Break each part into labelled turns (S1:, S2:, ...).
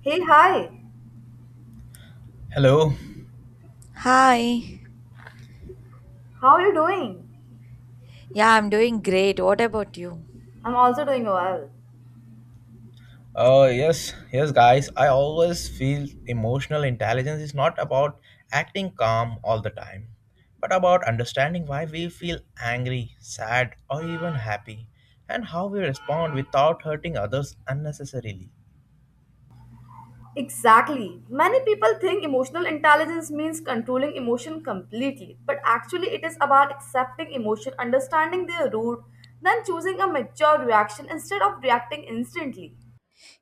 S1: Hey, hi.
S2: Hello.
S3: Hi.
S1: How are you doing?
S3: Yeah, I'm doing great. What about you?
S1: I'm also doing well.
S2: Yes, yes, guys. I always feel emotional intelligence is not about acting calm all the time, but about understanding why we feel angry, sad, or even happy, and how we respond without hurting others unnecessarily.
S1: Exactly. Many people think emotional intelligence means controlling emotion completely, but actually, it is about accepting emotion, understanding their root, then choosing a mature reaction instead of reacting instantly.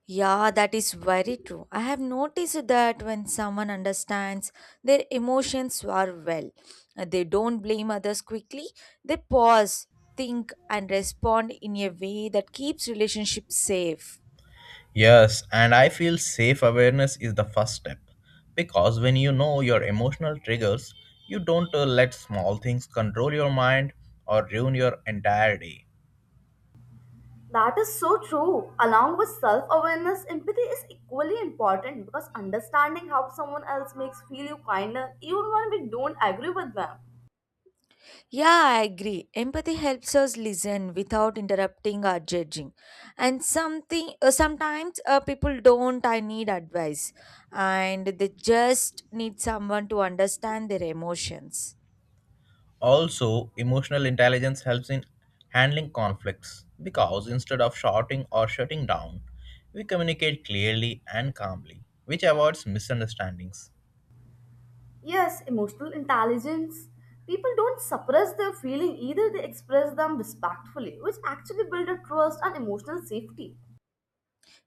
S3: Yeah, that is very true. I have noticed that when someone understands their emotions are they don't blame others quickly. They pause, think, and respond in a way that keeps relationships safe.
S2: Yes, and I feel safe awareness is the first step because when you know your emotional triggers, you don't let small things control your mind or ruin your entire day.
S1: That is so true. Along with self awareness, empathy is equally important because understanding how someone else makes feel you kinder even when we don't agree with them.
S3: Yeah, I agree. Empathy helps us listen without interrupting or judging. And something sometimes people don't I need advice and they just need someone to understand their emotions.
S2: Also, emotional intelligence helps in handling conflicts because instead of shouting or shutting down, we communicate clearly and calmly, which avoids misunderstandings.
S1: Yes, emotional intelligence. People don't suppress their feeling either, they express them respectfully, which actually build a trust and emotional safety.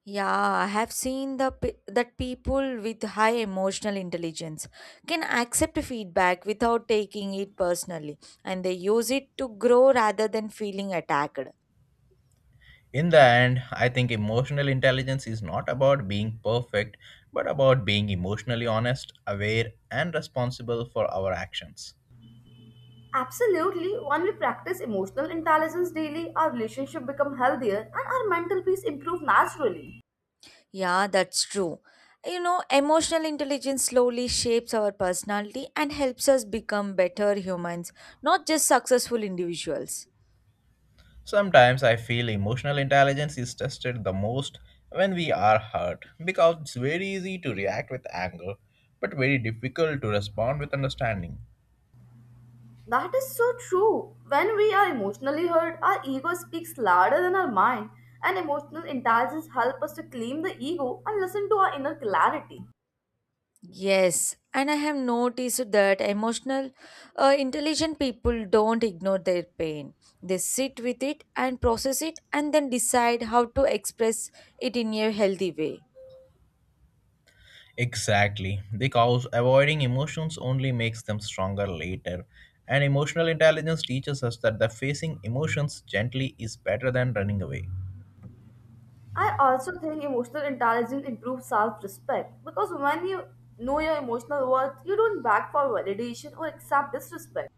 S3: Yeah, I have seen that people with high emotional intelligence can accept feedback without taking it personally and they use it to grow rather than feeling attacked.
S2: In the end, I think emotional intelligence is not about being perfect, but about being emotionally honest, aware, and responsible for our actions.
S1: Absolutely, when we practice emotional intelligence daily, our relationship become healthier and our mental peace improve naturally.
S3: Yeah, that's true. You know, emotional intelligence slowly shapes our personality and helps us become better humans, not just successful individuals.
S2: Sometimes I feel emotional intelligence is tested the most when we are hurt because it's very easy to react with anger but very difficult to respond with understanding.
S1: That is so true. When we are emotionally hurt, our ego speaks louder than our mind, and emotional intelligence help us to claim the ego and listen to our inner clarity.
S3: Yes, and I have noticed that intelligent people don't ignore their pain. They sit with it and process it and then decide how to express it in a healthy way.
S2: Exactly, because avoiding emotions only makes them stronger later. And emotional intelligence teaches us that the facing emotions gently is better than running away.
S1: I also think emotional intelligence improves self respect because when you know your emotional worth, you don't beg for validation or accept disrespect.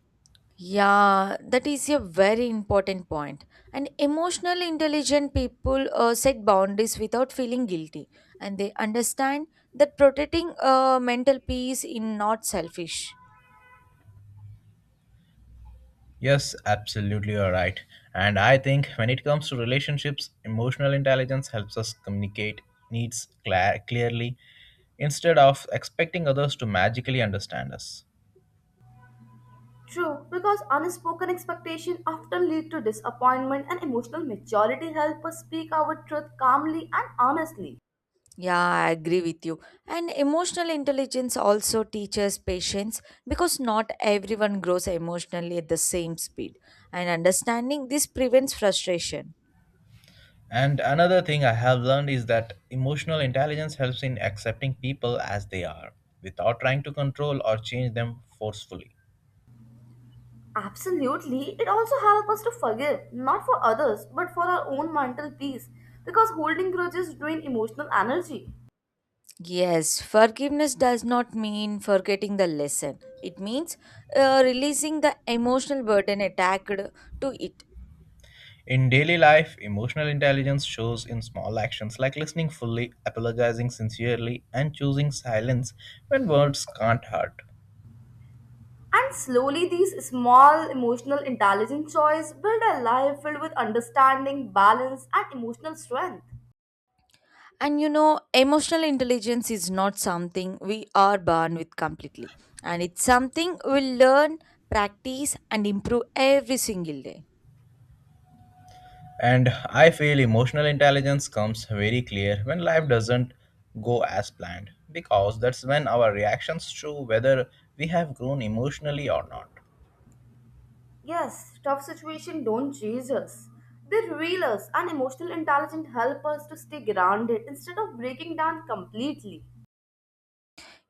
S3: Yeah, that is a very important point. And emotionally intelligent people set boundaries without feeling guilty, and they understand that protecting mental peace is not selfish.
S2: Yes, absolutely, you're right. And I think when it comes to relationships, emotional intelligence helps us communicate needs cla clearly instead of expecting others to magically understand us.
S1: True, because unspoken expectations often lead to disappointment, and emotional maturity helps us speak our truth calmly and honestly.
S3: Yeah, I agree with you. And emotional intelligence also teaches patience because not everyone grows emotionally at the same speed. And understanding this prevents frustration.
S2: And another thing I have learned is that emotional intelligence helps in accepting people as they are without trying to control or change them forcefully.
S1: Absolutely, it also helps us to forgive, not for others, but for our own mental peace, because holding grudges drain emotional energy.
S3: Yes, forgiveness does not mean forgetting the lesson. It means releasing the emotional burden attached to it.
S2: In daily life, emotional intelligence shows in small actions like listening fully, apologizing sincerely, and choosing silence when words can't hurt.
S1: And slowly, these small emotional intelligence choices build a life filled with understanding, balance, and emotional strength.
S3: And you know, emotional intelligence is not something we are born with completely, and it's something we learn, practice, and improve every single day.
S2: And I feel emotional intelligence comes very clear when life doesn't go as planned, because that's when our reactions show whether we have grown emotionally or not.
S1: Yes, tough situations don't chase us. They reel us, and emotional intelligence help us to stay grounded instead of breaking down completely.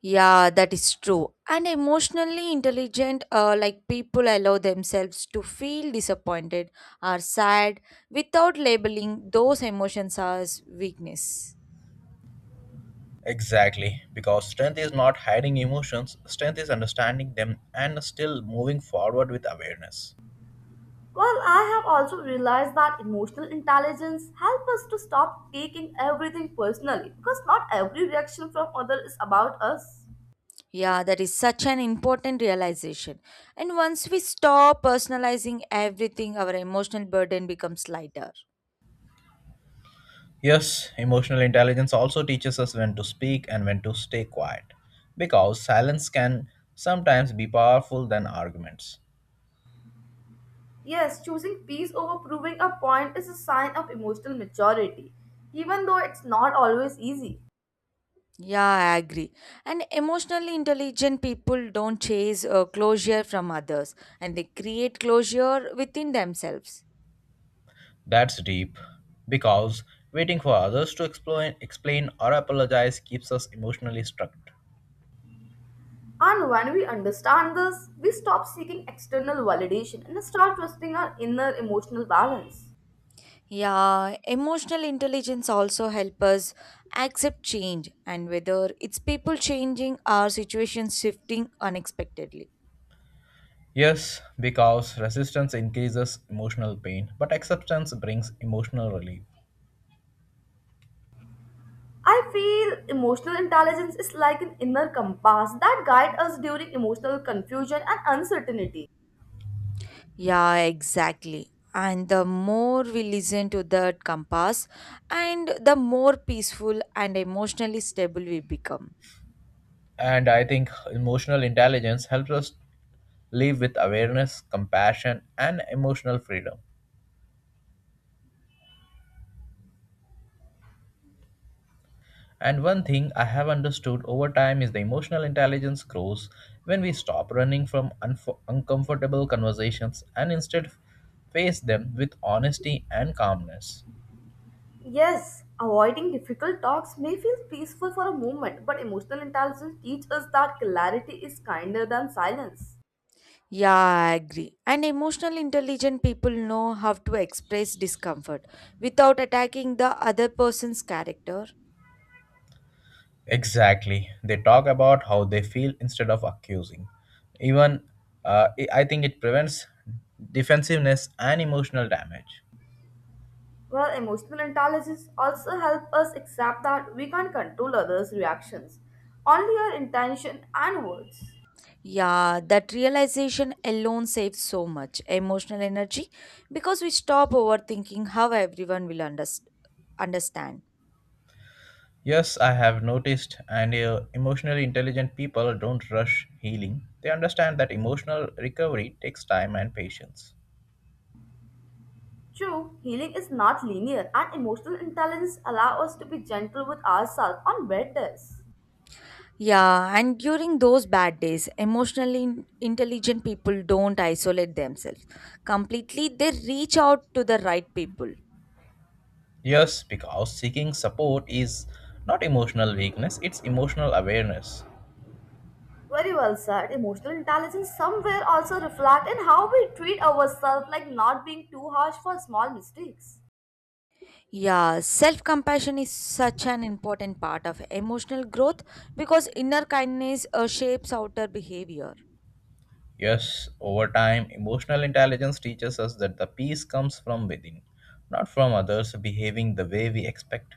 S3: Yeah, that is true. And emotionally intelligent, like people allow themselves to feel disappointed or sad without labeling those emotions as weakness.
S2: Exactly, because strength is not hiding emotions, strength is understanding them and still moving forward with awareness.
S1: Well, I have also realized that emotional intelligence helps us to stop taking everything personally because not every reaction from others is about us.
S3: Yeah, that is such an important realization. And once we stop personalizing everything, our emotional burden becomes lighter.
S2: Yes, emotional intelligence also teaches us when to speak and when to stay quiet, because silence can sometimes be powerful than arguments.
S1: Yes, choosing peace over proving a point is a sign of emotional maturity, even though it's not always easy.
S3: Yeah, I agree. And emotionally intelligent people don't chase closure from others and they create closure within themselves.
S2: That's deep, because waiting for others to explain or apologize keeps us emotionally struck.
S1: And when we understand this, we stop seeking external validation and start trusting our inner emotional balance.
S3: Yeah, emotional intelligence also help us accept change and whether it's people changing or situations shifting unexpectedly.
S2: Yes, because resistance increases emotional pain, but acceptance brings emotional relief.
S1: I feel emotional intelligence is like an inner compass that guides us during emotional confusion and uncertainty.
S3: Yeah, exactly. And the more we listen to that compass and the more peaceful and emotionally stable we become.
S2: And I think emotional intelligence helps us live with awareness, compassion, and emotional freedom. And one thing I have understood over time is the emotional intelligence grows when we stop running from uncomfortable conversations and instead face them with honesty and calmness.
S1: Yes, avoiding difficult talks may feel peaceful for a moment, but emotional intelligence teaches us that clarity is kinder than silence.
S3: Yeah, I agree. And emotional intelligent people know how to express discomfort without attacking the other person's character.
S2: Exactly. They talk about how they feel instead of accusing. Even I think it prevents defensiveness and emotional damage.
S1: Well, emotional intelligence also helps us accept that we can't control others' reactions, only our intention and words.
S3: Yeah, that realization alone saves so much emotional energy because we stop overthinking how everyone will understand.
S2: Yes, I have noticed, and emotionally intelligent people don't rush healing. They understand that emotional recovery takes time and patience.
S1: True, healing is not linear, and emotional intelligence allows us to be gentle with ourselves on bad days.
S3: Yeah, and during those bad days, intelligent people don't isolate themselves completely, they reach out to the right people.
S2: Yes, because seeking support is not emotional weakness, it's emotional awareness.
S1: Very well said. Emotional intelligence somewhere also reflect in how we treat ourselves, like not being too harsh for small mistakes.
S3: Yeah, self compassion is such an important part of emotional growth because inner kindness shapes outer behavior.
S2: Yes, over time, emotional intelligence teaches us that the peace comes from within, not from others behaving the way we expect.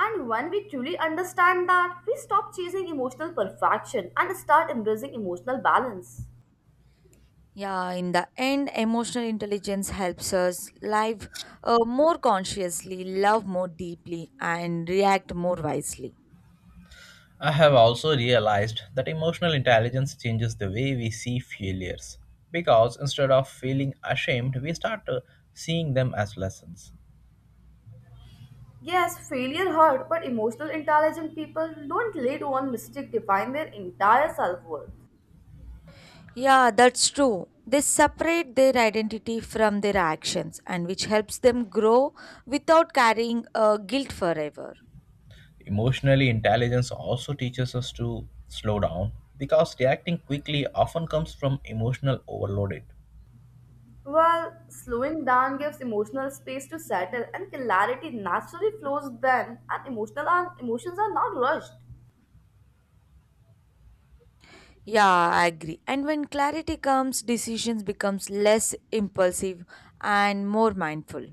S1: And when we truly understand that, we stop chasing emotional perfection and start embracing emotional balance.
S3: Yeah, in the end, emotional intelligence helps us live more consciously, love more deeply, and react more wisely.
S2: I have also realized that emotional intelligence changes the way we see failures, because instead of feeling ashamed, we start seeing them as lessons.
S1: Yes, failure hurt, but emotional intelligent people don't let one mistake define their entire self worth.
S3: Yeah, that's true. They separate their identity from their actions, and which helps them grow without carrying guilt forever.
S2: Emotionally, intelligence also teaches us to slow down because reacting quickly often comes from emotional overloaded.
S1: While slowing down gives emotional space to settle, and clarity naturally flows then, and emotional and emotions are not rushed.
S3: Yeah, I agree. And when clarity comes, decisions becomes less impulsive and more mindful.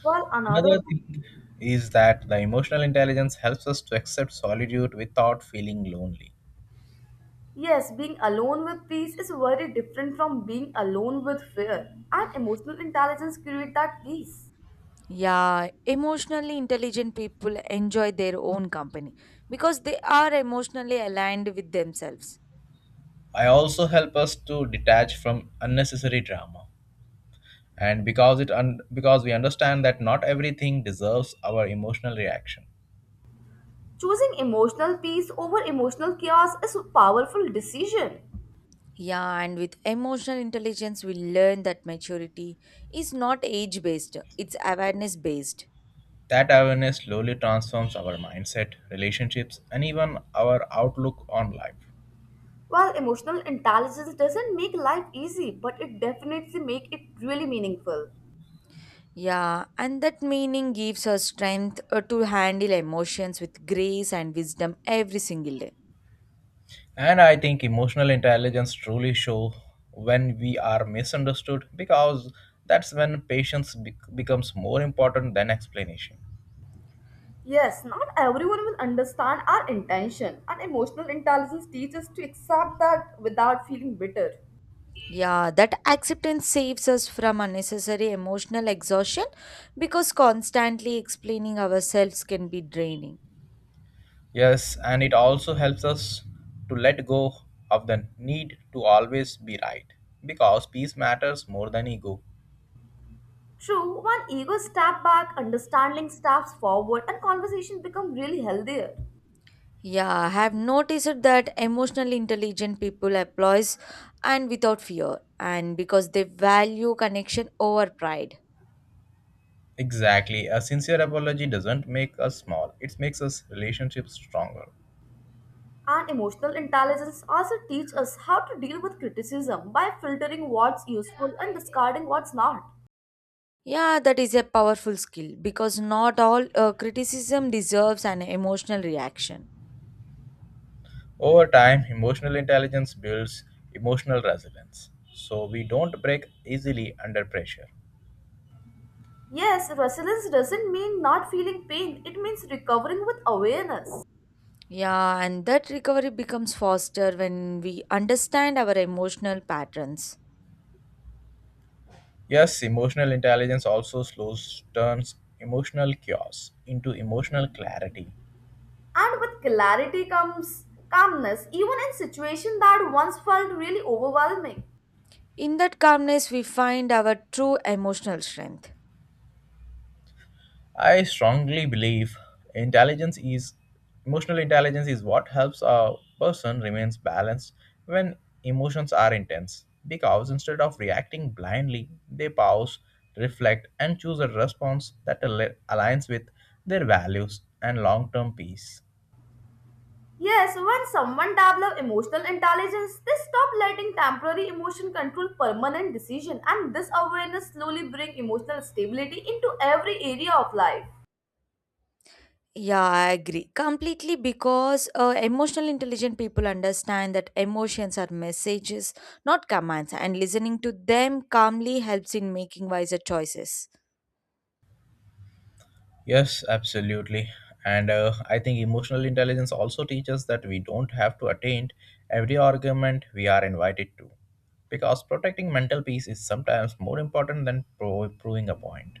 S1: While another,
S2: Another
S1: thing,
S2: thing is that the emotional intelligence helps us to accept solitude without feeling lonely.
S1: yes, being alone with peace is very different from being alone with fear, and emotional intelligence creates that peace.
S3: Yeah, emotionally intelligent people enjoy their own company because they are emotionally aligned with themselves.
S2: I also help us to detach from unnecessary drama. And because it because we understand that not everything deserves our emotional reaction.
S1: Choosing emotional peace over emotional chaos is a powerful decision.
S3: Yeah, and with emotional intelligence, we learn that maturity is not age based, it's awareness based.
S2: That awareness slowly transforms our mindset, relationships, and even our outlook on life.
S1: While emotional intelligence doesn't make life easy, but it definitely make it really meaningful.
S3: Yeah, and that meaning gives us strength to handle emotions with grace and wisdom every single day.
S2: And I think emotional intelligence truly show when we are misunderstood because that's when patience becomes more important than explanation.
S1: Yes, not everyone will understand our intention, and emotional intelligence teaches us to accept that without feeling bitter.
S3: Yeah, that acceptance saves us from unnecessary emotional exhaustion because constantly explaining ourselves can be draining.
S2: Yes, and it also helps us to let go of the need to always be right because peace matters more than ego.
S1: True, when ego step back, understanding steps forward, and conversation become really healthier.
S3: Yeah, I have noticed that emotionally intelligent people applause and without fear, and because they value connection over pride.
S2: Exactly, a sincere apology doesn't make us small, it makes us relationships stronger.
S1: And emotional intelligence also teach us how to deal with criticism by filtering what's useful and discarding what's not.
S3: Yeah, that is a powerful skill because not all criticism deserves an emotional reaction.
S2: Over time, emotional intelligence builds emotional resilience, so we don't break easily under pressure.
S1: Yes, resilience doesn't mean not feeling pain. It means recovering with awareness.
S3: Yeah, and that recovery becomes faster when we understand our emotional patterns.
S2: Yes, emotional intelligence also slows turns emotional chaos into emotional clarity.
S1: And with clarity comes calmness, even in situations that once felt really overwhelming.
S3: In that calmness, we find our true emotional strength.
S2: I strongly believe intelligence is emotional intelligence is what helps a person remains balanced when emotions are intense because instead of reacting blindly, they pause, reflect and choose a response that aligns with their values and long-term peace.
S1: Yes, when someone develops emotional intelligence, they stop letting temporary emotion control permanent decision and this awareness slowly brings emotional stability into every area of life.
S3: Yeah, I agree completely because emotional intelligent people understand that emotions are messages, not commands, and listening to them calmly helps in making wiser choices.
S2: Yes, absolutely. And I think emotional intelligence also teaches that we don't have to attain every argument we are invited to, because protecting mental peace is sometimes more important than proving a point.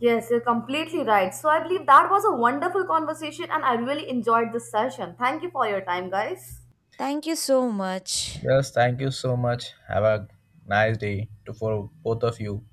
S1: Yes, you're completely right. So I believe that was a wonderful conversation and I really enjoyed this session. Thank you for your time, guys.
S3: Thank you so much.
S2: Yes, thank you so much. Have a nice day to for both of you.